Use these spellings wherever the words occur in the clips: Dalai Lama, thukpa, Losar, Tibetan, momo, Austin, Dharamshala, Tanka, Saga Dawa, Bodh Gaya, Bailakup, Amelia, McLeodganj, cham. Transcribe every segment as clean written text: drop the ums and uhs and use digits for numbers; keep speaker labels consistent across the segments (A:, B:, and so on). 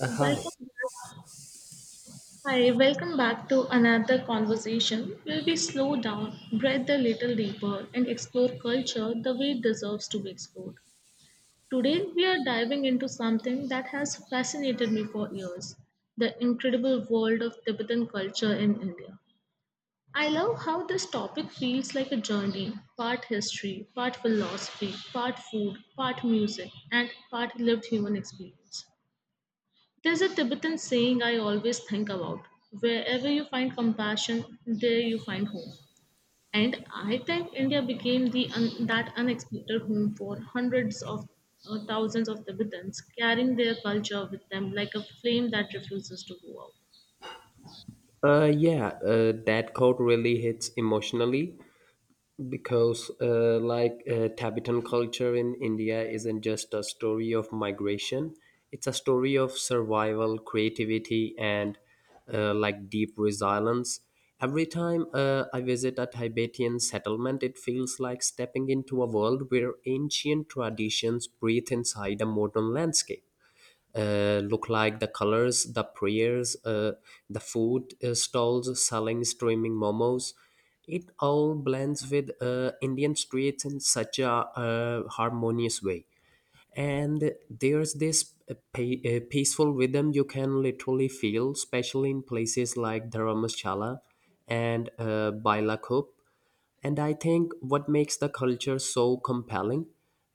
A: Hi.
B: Welcome back. Hi, welcome back to another conversation where we slow down, breathe a little deeper, and explore culture the way it deserves to be explored. Today, we are diving into something that has fascinated me for years, the incredible world of Tibetan culture in India. I love how this topic feels like a journey, part history, part philosophy, part food, part music, and part lived human experience. There's a Tibetan saying I always think about: wherever you find compassion, there you find home. And I think India became that unexpected home for hundreds of, thousands of Tibetans, carrying their culture with them like a flame that refuses to go out.
A: Yeah, that quote really hits emotionally because, Tibetan culture in India isn't just a story of migration, it's a story of survival, creativity, and deep resilience. Every time I visit a Tibetan settlement, it feels like stepping into a world where ancient traditions breathe inside a modern landscape. Look like the colors, the prayers, the food stalls selling streaming momos. It all blends with Indian streets in such a harmonious way. And there's this peaceful rhythm you can literally feel, especially in places like Dharamshala and Bailakup. And I think what makes the culture so compelling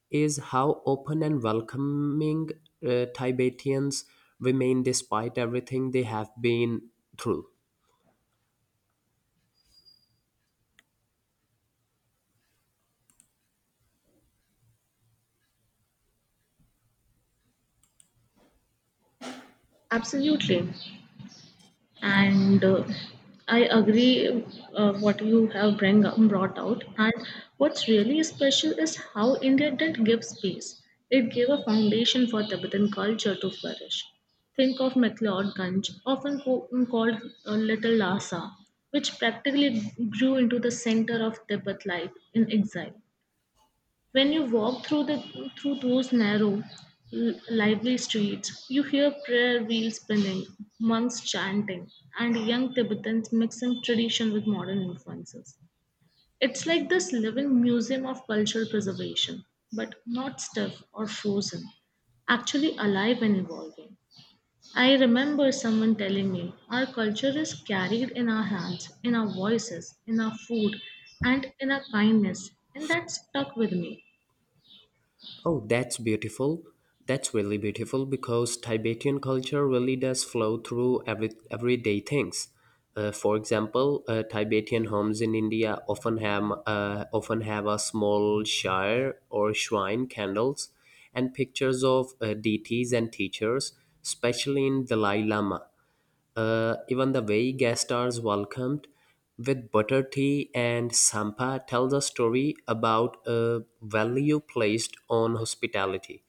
A: is how open and welcoming Tibetans remain despite everything they have been through.
B: Absolutely. And I agree. What you have brought out, and what's really special is how India did give space. It gave a foundation for Tibetan culture to flourish. Think of McLeodganj, often called Little Lhasa, which practically grew into the center of Tibet life in exile. When you walk through the through those narrow, lively streets, you hear prayer wheels spinning, monks chanting, and young Tibetans mixing tradition with modern influences. It's like this living museum of cultural preservation, but not stiff or frozen, actually alive and evolving. I remember someone telling me, our culture is carried in our hands, in our voices, in our food, and in our kindness, and that stuck with me.
A: Oh, that's beautiful. That's really beautiful because Tibetan culture really does flow through everyday things. For example, Tibetan homes in India often have a small shire or shrine candles and pictures of deities and teachers, especially in Dalai Lama. Even the way guest are welcomed with butter tea and sampa tells a story about a value placed on hospitality.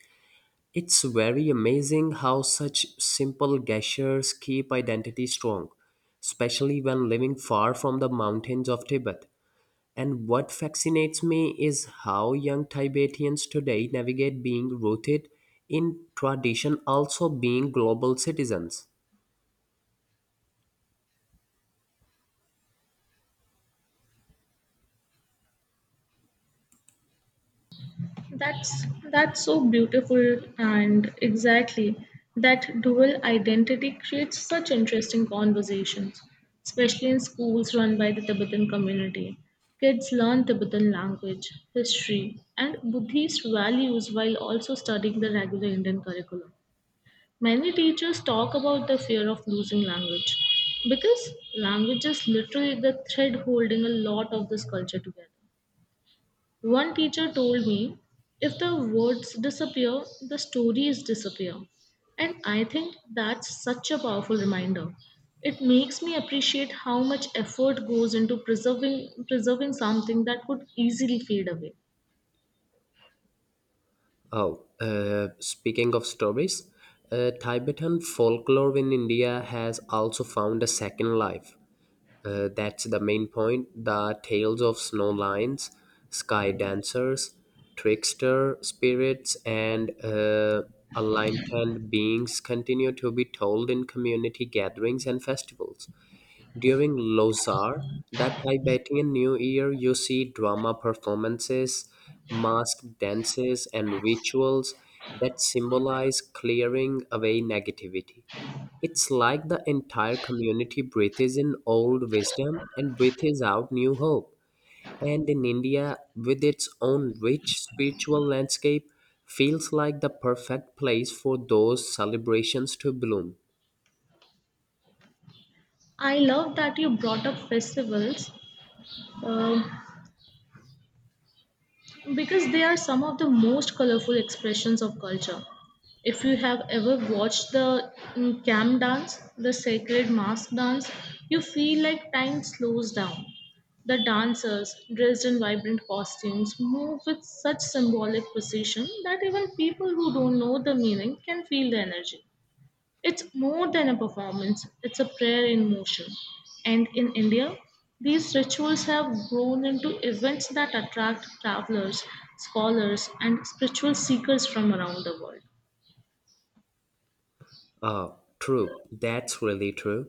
A: It's very amazing how such simple gestures keep identity strong, especially when living far from the mountains of Tibet. And what fascinates me is how young Tibetans today navigate being rooted in tradition, also being global citizens.
B: That's that's so beautiful, and exactly, that dual identity creates such interesting conversations, especially in schools run by the Tibetan community. Kids learn Tibetan language, history, and Buddhist values while also studying the regular Indian curriculum. Many teachers talk about the fear of losing language, because language is literally the thread holding a lot of this culture together. One teacher told me, if the words disappear, the stories disappear. And I think that's such a powerful reminder. It makes me appreciate how much effort goes into preserving something that could easily fade away.
A: Oh, speaking of stories, Tibetan folklore in India has also found a second life. That's the main point. The tales of snow lions, sky dancers, trickster spirits, and aligned beings continue to be told in community gatherings and festivals. During Losar, that Tibetan New Year, you see drama performances, mask dances, and rituals that symbolize clearing away negativity. It's like the entire community breathes in old wisdom and breathes out new hope. And in India, with its own rich spiritual landscape, feels like the perfect place for those celebrations to bloom.
B: I love that you brought up festivals. Um because they are some of the most colorful expressions of culture. If you have ever watched the camp dance, the sacred mask dance, you feel like time slows down. The dancers, dressed in vibrant costumes, move with such symbolic precision that even people who don't know the meaning can feel the energy. It's more than a performance, it's a prayer in motion. And in India, these rituals have grown into events that attract travelers, scholars, and spiritual seekers from around the world.
A: Uh, True. That's really true.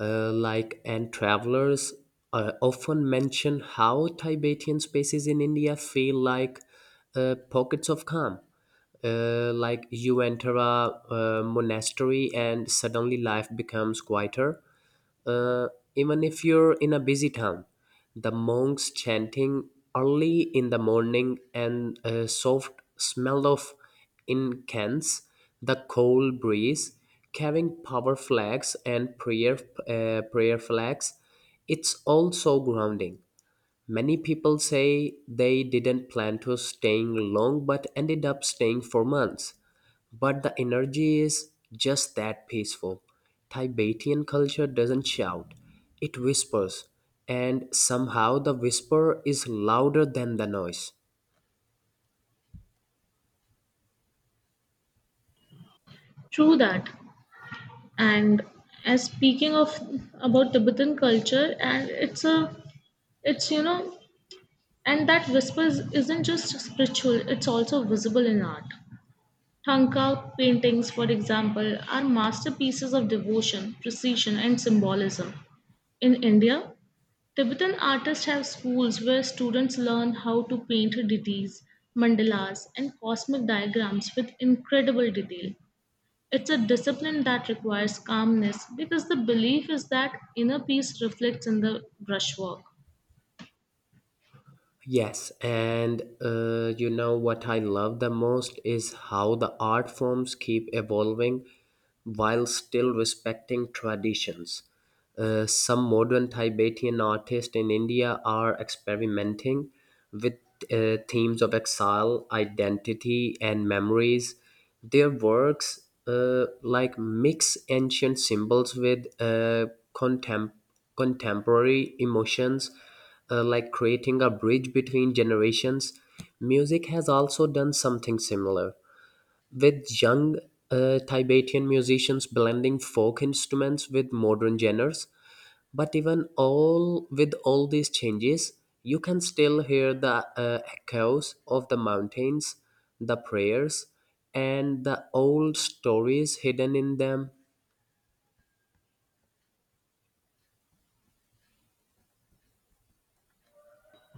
A: And travelers often mention how Tibetan spaces in India feel like pockets of calm. Like you enter a monastery and suddenly life becomes quieter. Uh, Even if you're in a busy town, the monks chanting early in the morning and a soft smell of incense, the cold breeze, carrying power flags and prayer flags, it's also grounding. Many people say they didn't plan to staying long but ended up staying for months. But the energy is just that peaceful. Tibetan culture doesn't shout, it whispers, and somehow the whisper is louder than the noise.
B: True that. And as speaking of about Tibetan culture, and it's a, it's, you know, and that whispers isn't just spiritual; it's also visible in art. Tanka paintings, for example, are masterpieces of devotion, precision, and symbolism. In India, Tibetan artists have schools where students learn how to paint deities, mandalas, and cosmic diagrams with incredible detail. It's a discipline that requires calmness because the belief is that inner peace reflects in the brushwork.
A: Yes, and you know what I love the most is how the art forms keep evolving while still respecting traditions. Some modern Tibetan artists in India are experimenting with themes of exile, identity, and memories. Their works mix ancient symbols with contem- contemporary emotions, creating a bridge between generations. Music has also done something similar with young Tibetan musicians blending folk instruments with modern genres. But even all with all these changes, you can still hear the echoes of the mountains, the prayers, and the old stories hidden in them.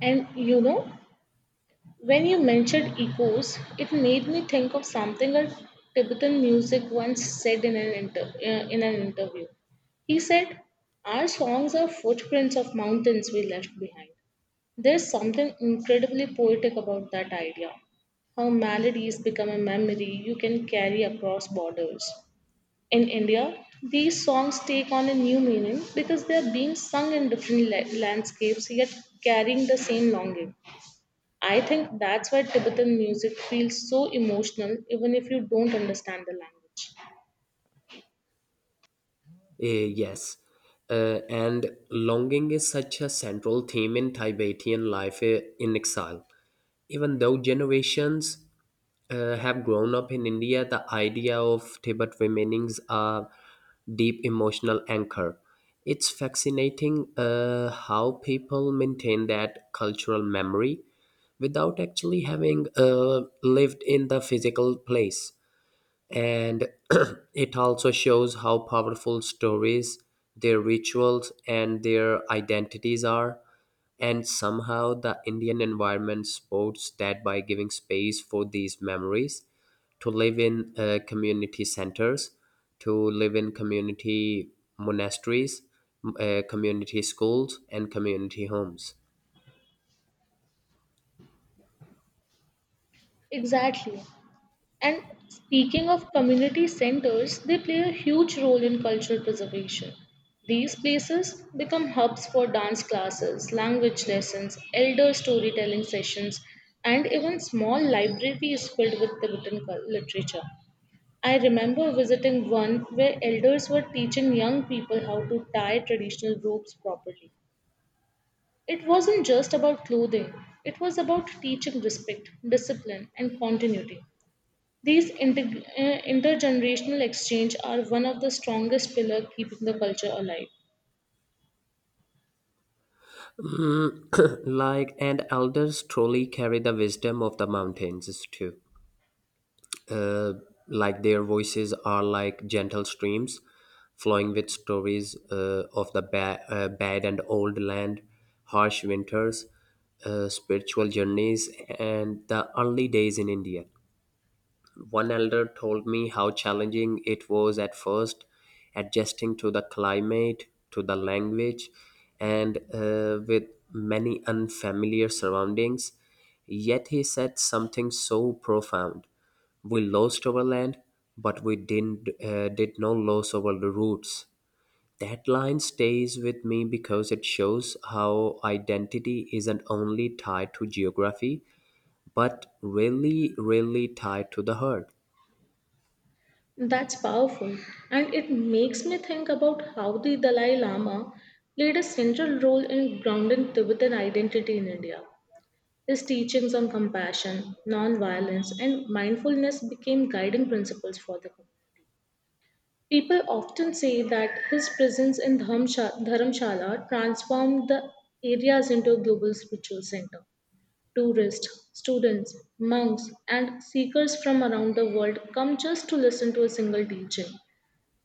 B: And you know, when you mentioned echoes, it made me think of something a Tibetan music once said in an interview. He said, our songs are footprints of mountains we left behind. There's something incredibly poetic about that idea, how melodies become a memory you can carry across borders. In India, these songs take on a new meaning because they are being sung in different landscapes, yet carrying the same longing. I think that's why Tibetan music feels so emotional even if you don't understand the language.
A: Yes. And longing is such a central theme in Tibetan life in exile. Even though generations have grown up in India, the idea of Tibet remainings a deep emotional anchor. It's fascinating how people maintain that cultural memory without actually having lived in the physical place and it also shows how powerful stories, their rituals, and their identities are. And somehow the Indian environment supports that by giving space for these memories to live in community centers, to live in community monasteries, community schools, and community homes.
B: Exactly. And speaking of community centers, they play a huge role in cultural preservation. These places become hubs for dance classes, language lessons, elder storytelling sessions, and even small libraries filled with Tibetan literature. I remember visiting one where elders were teaching young people how to tie traditional ropes properly. It wasn't just about clothing, it was about teaching respect, discipline, and continuity. These intergenerational exchange are one of the strongest pillars keeping the culture alive.
A: Mm, and elders truly carry the wisdom of the mountains too. uh, like their voices are like gentle streams flowing with stories of the bad and old land, harsh winters, spiritual journeys, and the early days in India. One elder told me how challenging it was at first, adjusting to the climate, to the language, and with many unfamiliar surroundings. Yet he said something so profound. We lost our land, but we did not lose our roots. That line stays with me because it shows how identity isn't only tied to geography, but really tied to the heart.
B: That's powerful, and it makes me think about how the Dalai Lama played a central role in grounding Tibetan identity in India. His teachings on compassion, non-violence, and mindfulness became guiding principles for the community. People often say that his presence in Dharamshala transformed the areas into a global spiritual center. Tourists, students, monks, and seekers from around the world come just to listen to a single teaching.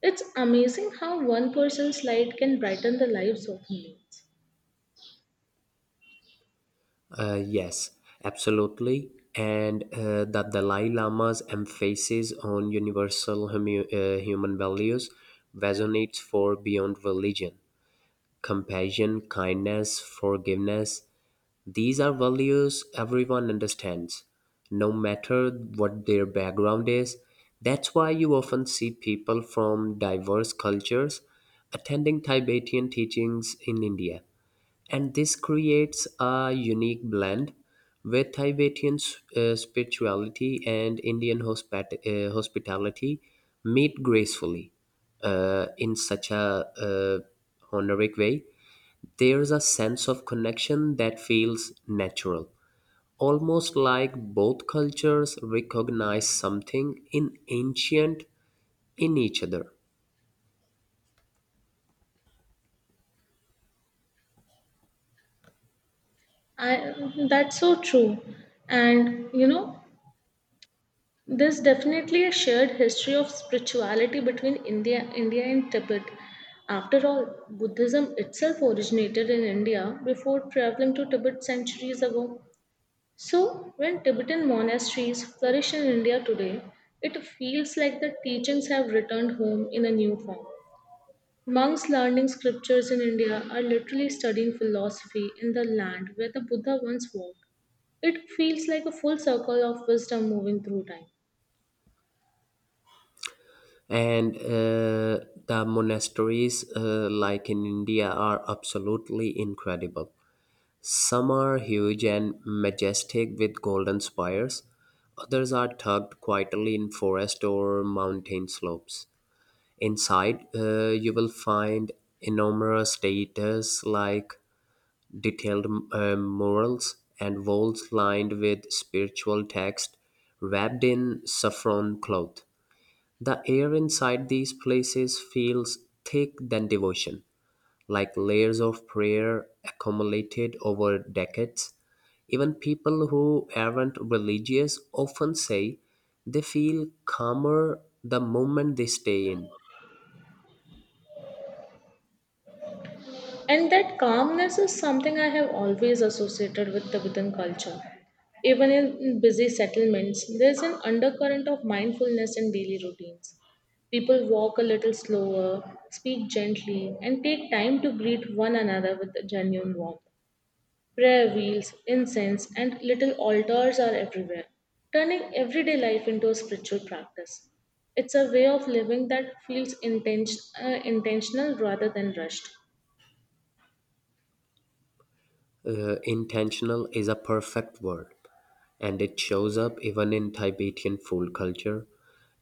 B: It's amazing how one person's light can brighten the lives of millions.
A: Yes, absolutely. And the Dalai Lama's emphasis on universal human values resonates for beyond religion. Compassion, kindness, forgiveness, these are values everyone understands, no matter what their background is. That's why you often see people from diverse cultures attending Tibetan teachings in India, and this creates a unique blend with Tibetan spirituality and Indian hospitality meet gracefully in such a honorific way. There's a sense of connection that feels natural, almost like both cultures recognize something in ancient in each other.
B: I, that's so true. And you know, there's definitely a shared history of spirituality between India and Tibet. After all, Buddhism itself originated in India before traveling to Tibet centuries ago. So, when Tibetan monasteries flourish in India today, it feels like the teachings have returned home in a new form. Monks learning scriptures in India are literally studying philosophy in the land where the Buddha once walked. It feels like a full circle of wisdom moving through time.
A: And the monasteries, like in India, are absolutely incredible. Some are huge and majestic with golden spires, others are tucked quietly in forest or mountain slopes. Inside, you will find enormous statues like detailed murals and walls lined with spiritual text wrapped in saffron cloth. The air inside these places feels thick than devotion, like layers of prayer accumulated over decades. Even people who aren't religious often say they feel calmer the moment they stay in.
B: And that calmness is something I have always associated with Tibetan culture. Even in busy settlements, there's an undercurrent of mindfulness in daily routines. People walk a little slower, speak gently, and take time to greet one another with genuine warmth. Prayer wheels, incense, and little altars are everywhere, turning everyday life into a spiritual practice. It's a way of living that feels intentional rather than rushed.
A: Intentional is a perfect word, and it shows up even in Tibetan food culture.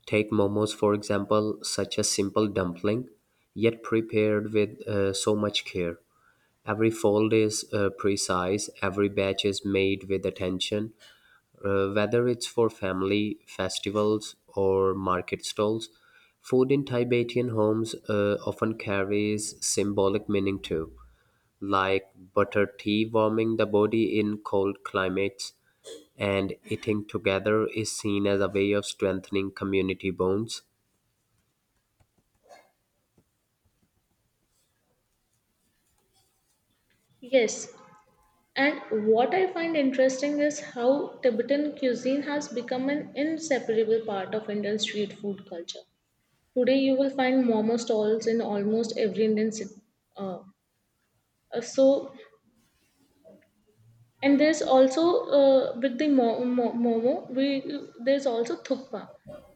A: Take momos, for example, such a simple dumpling, yet prepared with so much care. Every fold is precise, every batch is made with attention, whether it's for family festivals or market stalls. Food in Tibetan homes often carries symbolic meaning too, like butter tea warming the body in cold climates, and eating together is seen as a way of strengthening community bonds.
B: Yes, and what I find interesting is how Tibetan cuisine has become an inseparable part of Indian street food culture. Today, you will find momo stalls in almost every Indian city. Uh, uh, so, and there's also, with the momo, we there's also thukpa,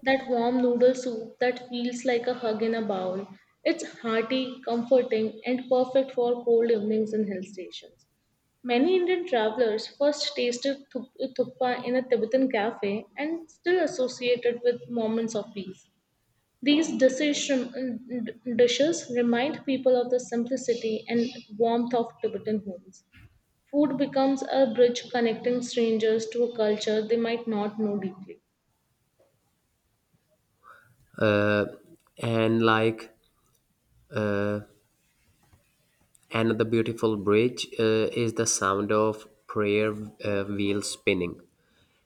B: that warm noodle soup that feels like a hug in a bowl. It's hearty, comforting, and perfect for cold evenings in hill stations. Many Indian travelers first tasted thukpa in a Tibetan cafe and still associate it with moments of peace. These dishes, Dishes remind people of the simplicity and warmth of Tibetan homes. Food becomes a bridge connecting strangers to a culture they might not know deeply.
A: Uh, and another beautiful bridge is the sound of prayer wheels spinning.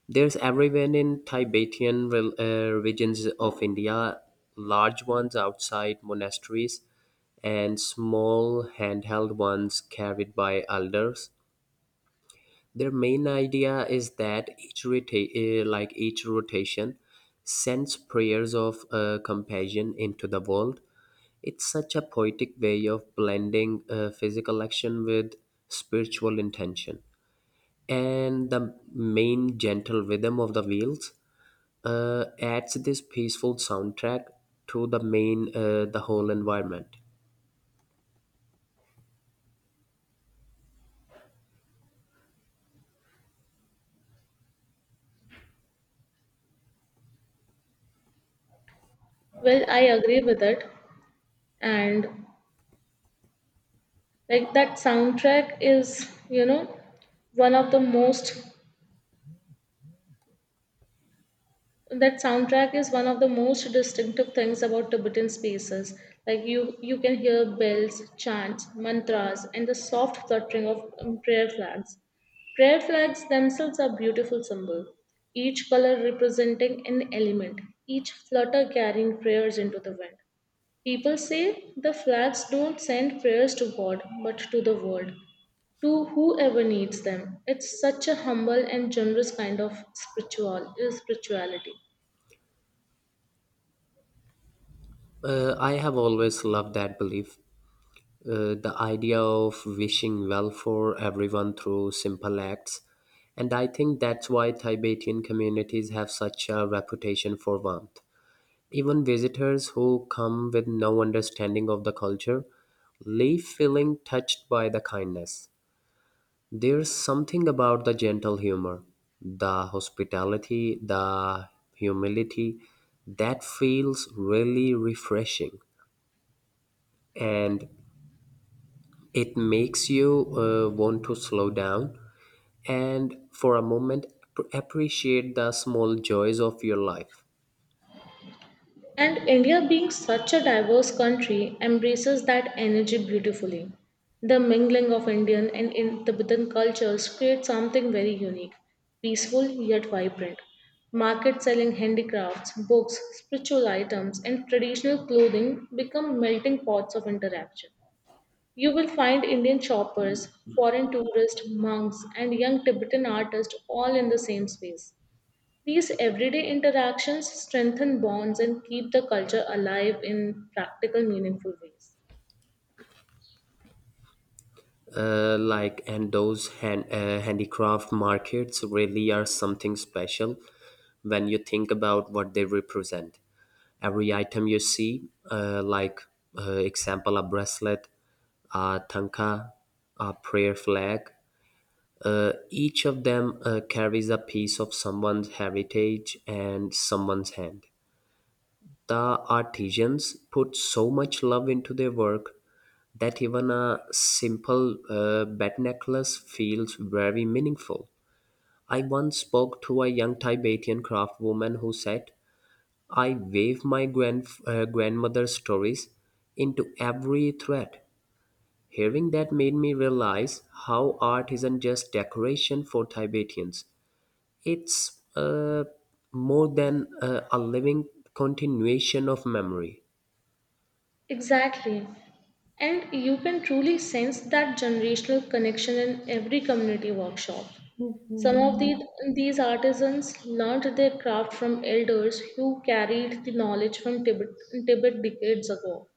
A: There's everyone in Tibetan regions of India, large ones outside monasteries, and small handheld ones carried by elders. Their main idea is that each rotation sends prayers of compassion into the world. It's such a poetic way of blending physical action with spiritual intention. And the main gentle rhythm of the wheels adds this peaceful soundtrack to the whole environment.
B: Well, I agree with it. And like that soundtrack is, you know, one of the most that soundtrack is one of the most distinctive things about Tibetan spaces. Like you can hear bells, chants, mantras, and the soft fluttering of prayer flags. Prayer flags themselves are beautiful symbols, each color representing an element, each flutter carrying prayers into the wind. People say the flags don't send prayers to God, but to the world, to whoever needs them. It's such a humble and generous kind of spirituality.
A: I have always loved that belief, the idea of wishing well for everyone through simple acts. And I think that's why Tibetan communities have such a reputation for warmth. Even visitors who come with no understanding of the culture leave feeling touched by the kindness. There's something about the gentle humor, the hospitality, the humility that feels really refreshing. And it makes you want to slow down and for a moment appreciate the small joys of your life.
B: And India, being such a diverse country, embraces that energy beautifully. The mingling of Indian and in Tibetan cultures creates something very unique, peaceful yet vibrant. Markets selling handicrafts, books, spiritual items, and traditional clothing become melting pots of interaction. You will find Indian shoppers, foreign tourists, monks, and young Tibetan artists all in the same space. These everyday interactions strengthen bonds and keep the culture alive in practical, meaningful ways.
A: And those handicraft markets really are something special when you think about what they represent. Every item you see, example a bracelet, a tanka, a prayer flag. Each of them carries a piece of someone's heritage and someone's hand. The artisans put so much love into their work that even a simple bat necklace feels very meaningful. I once spoke to a young Tibetan craft who said, "I weave my grandmother's stories into every thread." Hearing that made me realize how art isn't just decoration for Tibetans. It's more than a living continuation of memory.
B: Exactly. And you can truly sense that generational connection in every community workshop. Some of the, these artisans learned their craft from elders who carried the knowledge from Tibet decades ago.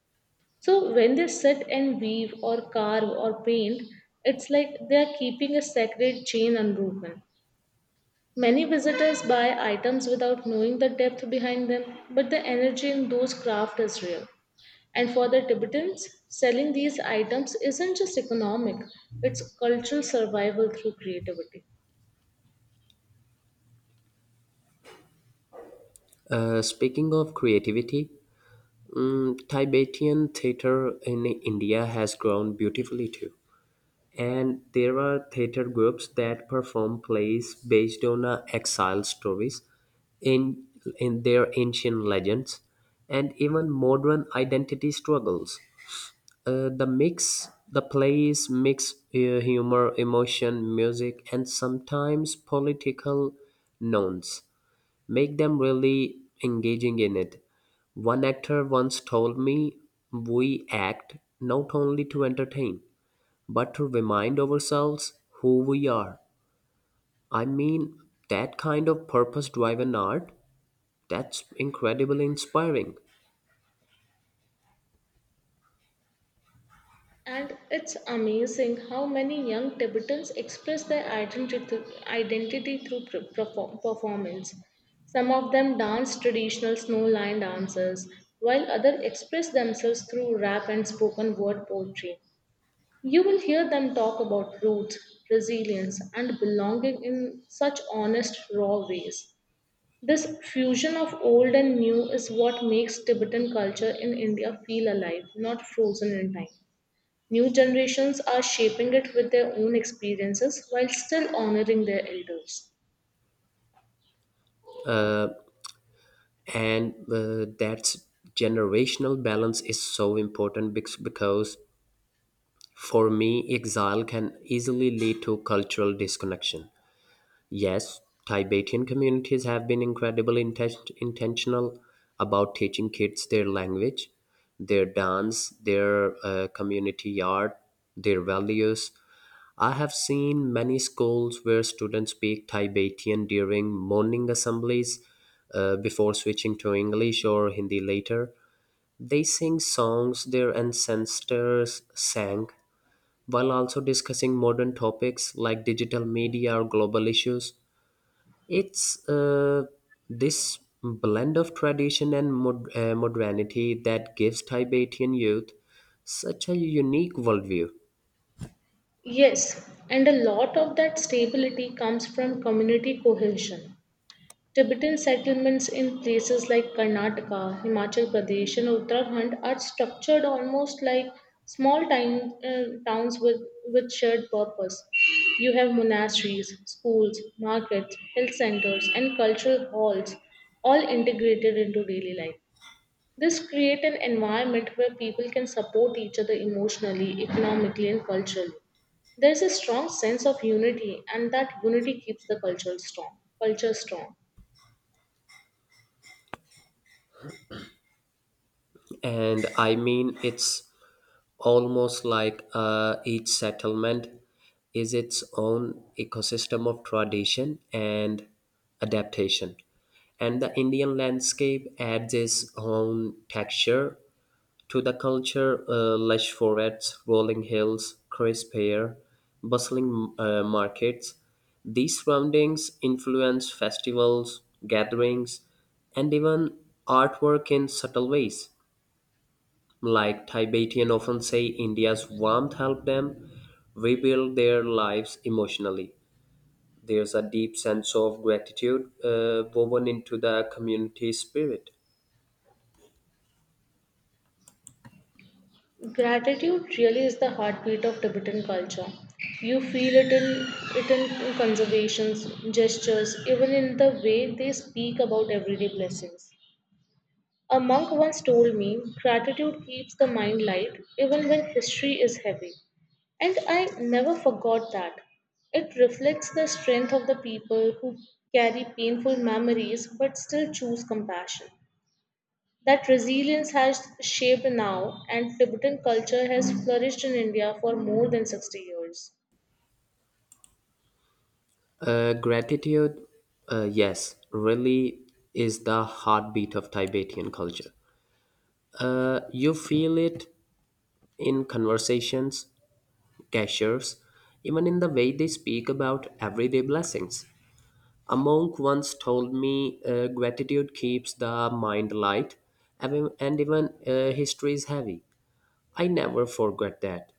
B: So when they sit and weave or carve or paint, it's like they are keeping a sacred chain unbroken. Many visitors buy items without knowing the depth behind them, but the energy in those crafts is real. And for the Tibetans, selling these items isn't just economic, it's cultural survival through creativity.
A: Speaking of creativity, mm, Tibetan theater in India has grown beautifully too. And there are theater groups that perform plays based on exile stories in, in their ancient legends and even modern identity struggles. The plays mix humor, emotion, music, and sometimes political nouns, make them really engaging in it. One actor once told me, "We act not only to entertain, but to remind ourselves who we are." I mean, that kind of purpose driven art, that's incredibly inspiring.
B: And it's amazing how many young Tibetans express identity through performance. Some of them dance traditional snow lined dances, while others express themselves through rap and spoken word poetry. You will hear them talk about roots, resilience, and belonging in such honest, raw ways. This fusion of old and new is what makes Tibetan culture in India feel alive, not frozen in time. New generations are shaping it with their own experiences while still honoring their elders.
A: And that's generational balance is so important because for me, exile can easily lead to cultural disconnection. Yes, Tibetan communities have been incredibly intentional about teaching kids their language, their dance, their community art, their values. I have seen many schools where students speak Tibetan during morning assemblies before switching to English or Hindi later. They sing songs their ancestors sang while also discussing modern topics like digital media or global issues. It's this blend of tradition and modernity that gives Tibetan youth such a unique worldview.
B: Yes, and a lot of that stability comes from community cohesion. Tibetan settlements in places like Karnataka, Himachal Pradesh, and Uttarakhand are structured almost like towns with shared purpose. You have monasteries, schools, markets, health centers, and cultural halls all integrated into daily life. This creates an environment where people can support each other emotionally, economically, and culturally. There is a strong sense of unity, and that unity keeps the culture strong.
A: And I mean, it's almost like each settlement is its own ecosystem of tradition and adaptation. And the Indian landscape adds its own texture to the culture. Lush forests, rolling hills, crisp air, bustling markets, these surroundings influence festivals, gatherings, and even artwork in subtle ways. Like Tibetan often say, India's warmth helped them rebuild their lives emotionally. There's a deep sense of gratitude woven into the community spirit.
B: Gratitude really is the heartbeat of Tibetan culture. You feel it in it in conservations, gestures, even in the way they speak about everyday blessings. A monk once told me, gratitude keeps the mind light even when history is heavy. And I never forgot that. It reflects the strength of the people who carry painful memories but still choose compassion. That resilience has shaped now, and Tibetan culture has flourished in India for more than 60 years.
A: Gratitude, yes, really is the heartbeat of Tibetan culture. You feel it in conversations, gestures, even in the way they speak about everyday blessings. A monk once told me gratitude keeps the mind light and even history is heavy. I never forget that.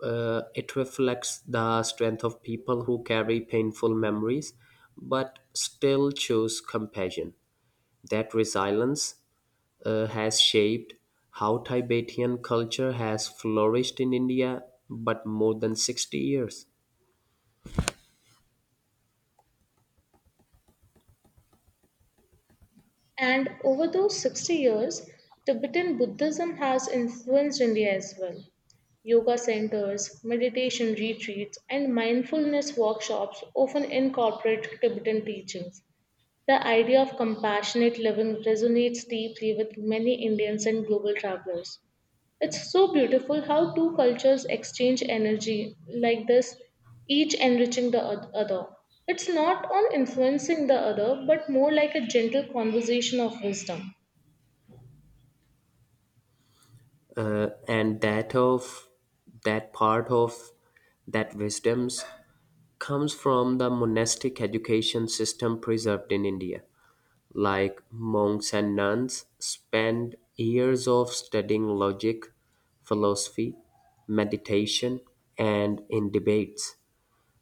A: It reflects the strength of people who carry painful memories but still choose compassion. That resilience has shaped how Tibetan culture has flourished in India but more than 60 years.
B: And over those 60 years, Tibetan Buddhism has influenced India as well. Yoga centers, meditation retreats, and mindfulness workshops often incorporate Tibetan teachings. The idea of compassionate living resonates deeply with many Indians and global travelers. It's so beautiful how two cultures exchange energy like this, each enriching the other. It's not on influencing the other, but more like a gentle conversation of wisdom.
A: And that of that part of that wisdoms comes from the monastic education system preserved in India. Like monks and nuns, spend years of studying logic, philosophy, meditation, and in debates.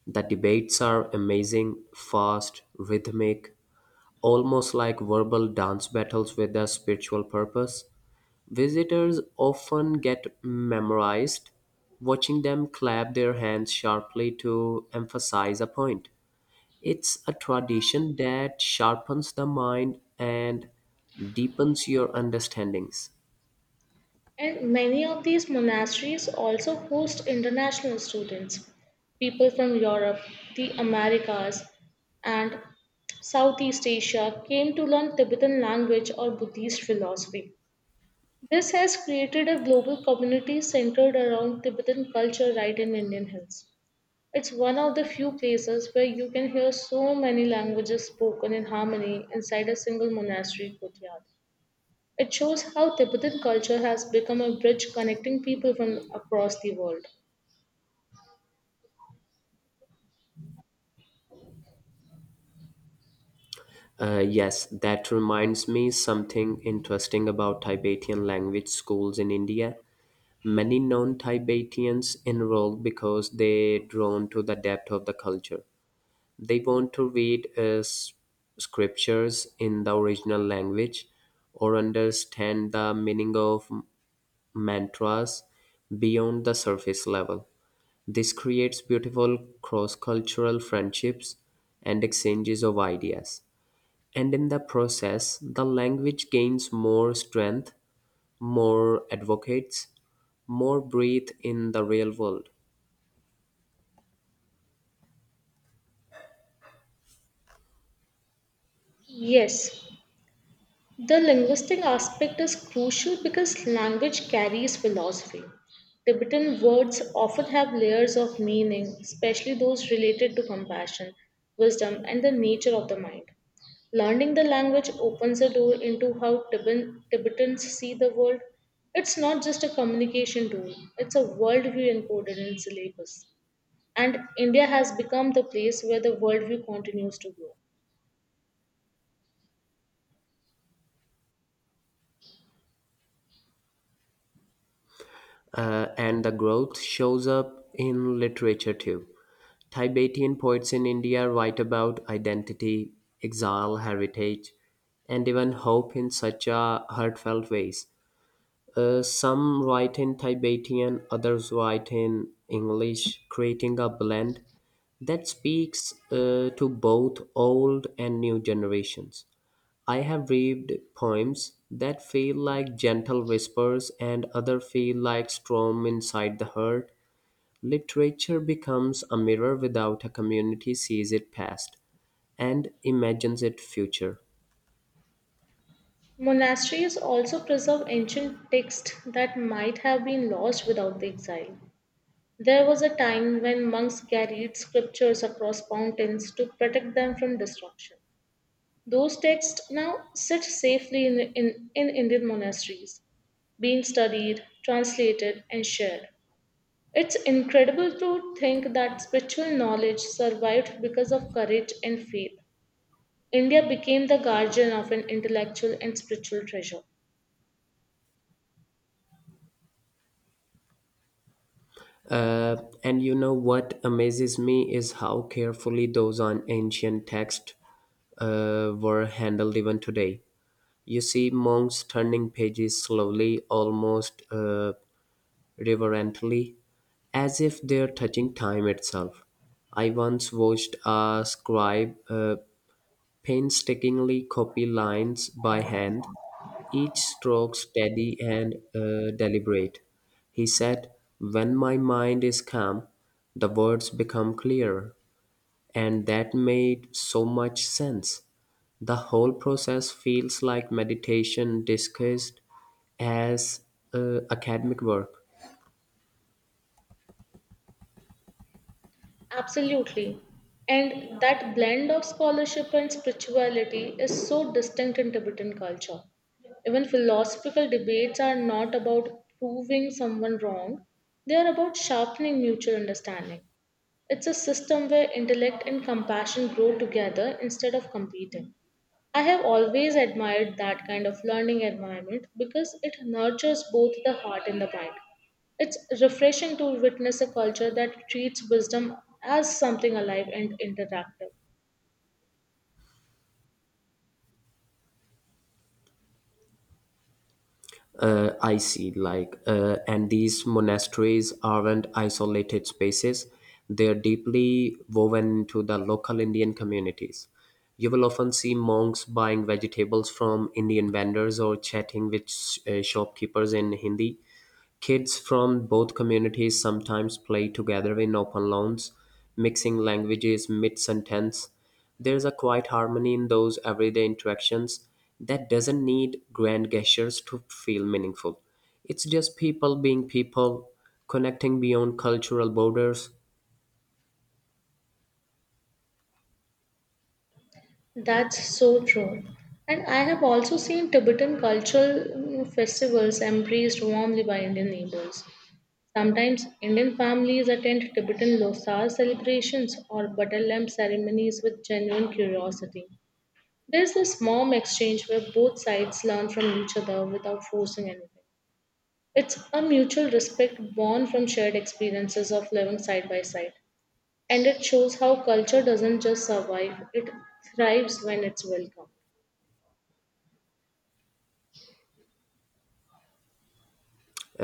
A: The debates are amazing, fast, rhythmic, almost like verbal dance battles with a spiritual purpose. Visitors often get memorized, watching them clap their hands sharply to emphasize a point. It's a tradition that sharpens the mind and deepens your understandings.
B: And many of these monasteries also host international students, people from Europe, the Americas, and Southeast Asia came to learn Tibetan language or Buddhist philosophy. This has created a global community centered around Tibetan culture right in Indian Hills. It's one of the few places where you can hear so many languages spoken in harmony inside a single monastery courtyard. It shows how Tibetan culture has become a bridge connecting people from across the world.
A: Yes, that reminds me something interesting about Tibetan language schools in India. Many non Tibetans enroll because they're drawn to the depth of the culture. They want to read scriptures in the original language or understand the meaning of mantras beyond the surface level. This creates beautiful cross cultural friendships and exchanges of ideas. And in the process, the language gains more strength, more advocates, more breadth in the real world.
B: Yes, the linguistic aspect is crucial because language carries philosophy. Tibetan words often have layers of meaning, especially those related to compassion, wisdom, and the nature of the mind. Learning the language opens a door into how Tibetans see the world. It's not just a communication tool, it's a worldview encoded in syllabus. And India has become the place where the worldview continues to grow.
A: And the growth shows up in literature too. Tibetan poets in India write about identity, exile, heritage, and even hope in such a heartfelt ways. Some write in Tibetan, others write in English, creating a blend that speaks to both old and new generations. I have read poems that feel like gentle whispers and other feel like storm inside the heart. Literature becomes a mirror without a community sees it past and imagines it future.
B: Monasteries also preserve ancient texts that might have been lost without the exile. There was a time when monks carried scriptures across mountains to protect them from destruction. Those texts now sit safely in Indian monasteries, being studied, translated, and shared. It's incredible to think that spiritual knowledge survived because of courage and faith. India became the guardian of an intellectual and spiritual treasure.
A: Uh, and you know what amazes me is how carefully those on ancient texts were handled even today. You see monks turning pages slowly, almost reverently, as if they're touching time itself. I once watched a scribe painstakingly copy lines by hand, each stroke steady and deliberate. He said, "When my mind is calm, the words become clearer." And that made so much sense. The whole process feels like meditation discussed as academic work.
B: Absolutely. And that blend of scholarship and spirituality is so distinct in Tibetan culture. Even philosophical debates are not about proving someone wrong, they are about sharpening mutual understanding. It's a system where intellect and compassion grow together instead of competing. I have always admired that kind of learning environment because it nurtures both the heart and the mind. It's refreshing to witness a culture that treats wisdom as something alive and interactive.
A: I see. And these monasteries aren't isolated spaces; they're deeply woven into the local Indian communities. You will often see monks buying vegetables from Indian vendors or chatting with shopkeepers in Hindi. Kids from both communities sometimes play together in open lawns, mixing languages mid sentence. There's a quiet harmony in those everyday interactions that doesn't need grand gestures to feel meaningful. It's just people being people, connecting beyond cultural borders.
B: That's so true. And I have also seen Tibetan cultural festivals embraced warmly by Indian neighbors. Sometimes Indian families attend Tibetan Losar celebrations or butter lamp ceremonies with genuine curiosity. There's this mom exchange where both sides learn from each other without forcing anything. It's a mutual respect born from shared experiences of living side by side. And it shows how culture doesn't just survive, it thrives when it's welcome.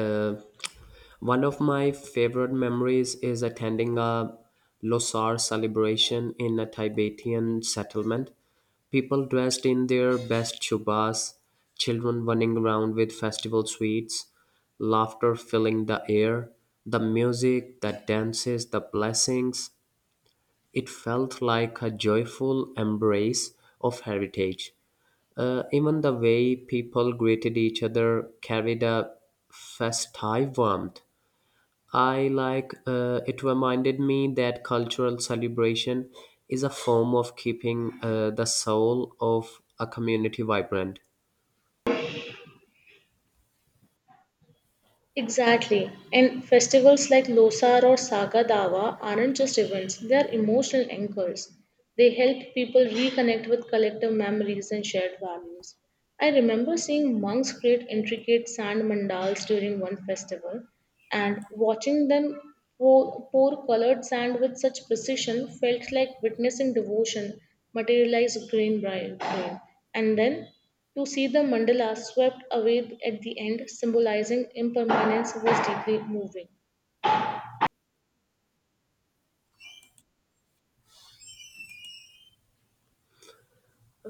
A: Uh, One of my favorite memories is attending a Losar celebration in a Tibetan settlement. People dressed in their best chubas, children running around with festival sweets, laughter filling the air, the music, the dances, the blessings. It felt like a joyful embrace of heritage. Even the way people greeted each other carried a festive warmth. I like It reminded me that cultural celebration is a form of keeping the soul of a community vibrant.
B: Exactly. And festivals like Losar or Saga Dawa aren't just events, they are emotional anchors. They help people reconnect with collective memories and shared values. I remember seeing monks create intricate sand mandals during one festival, and watching them pour colored sand with such precision felt like witnessing devotion materialize grain by grain. And then to see the mandala swept away at the end, symbolizing impermanence, was deeply moving.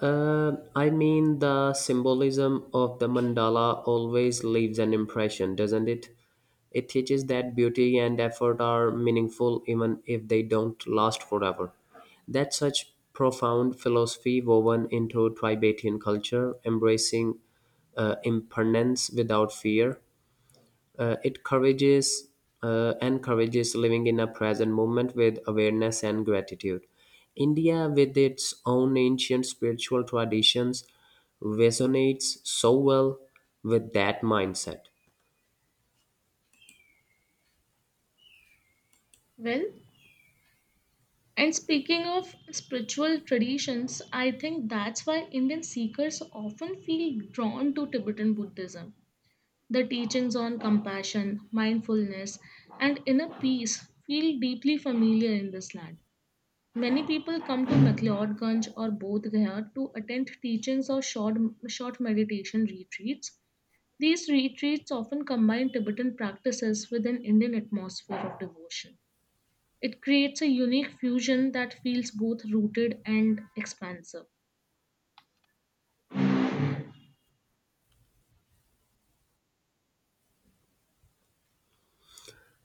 A: I mean, the symbolism of the mandala always leaves an impression, doesn't it? It teaches that beauty and effort are meaningful even if they don't last forever. That's such profound philosophy woven into Tibetan culture, embracing impermanence without fear. It courages encourages living in a present moment with awareness and gratitude. India, with its own ancient spiritual traditions, resonates so well with that mindset.
B: Well, and speaking of spiritual traditions, I think that's why Indian seekers often feel drawn to Tibetan Buddhism. The teachings on compassion, mindfulness, and inner peace feel deeply familiar in this land. Many people come to McLeodganj or Bodh Gaya to attend teachings or short meditation retreats. These retreats often combine Tibetan practices with an Indian atmosphere of devotion. It creates a unique fusion that feels both rooted and expansive.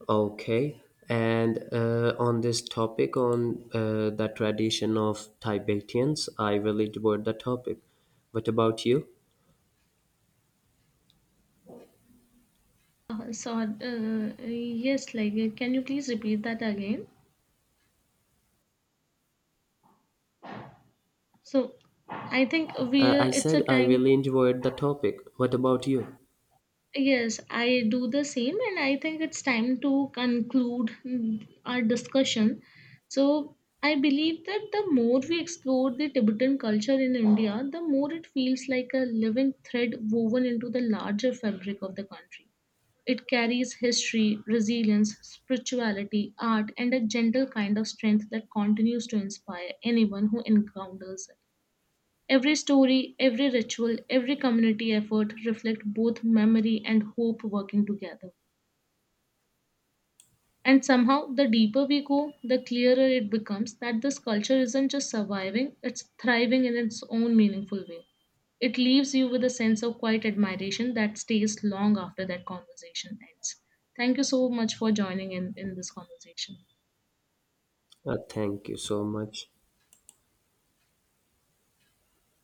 A: Okay, and on this topic, on the tradition of Tibetans, I really enjoyed the topic. What about you?
B: Yes, can you please repeat that again? So I think we
A: I
B: it's a
A: said I
B: time.
A: really enjoyed the topic. What about you?
B: Yes, I do the same, and I think it's time to conclude our discussion. So, I believe that the more we explore the Tibetan culture in India, the more it feels like a living thread woven into the larger fabric of the country. It carries history, resilience, spirituality, art, and a gentle kind of strength that continues to inspire anyone who encounters it. Every story, every ritual, every community effort reflect both memory and hope working together. And somehow, the deeper we go, the clearer it becomes that this culture isn't just surviving, it's thriving in its own meaningful way. It leaves you with a sense of quiet admiration that stays long after that conversation ends. Thank you so much for joining in this conversation.
A: Thank you so much.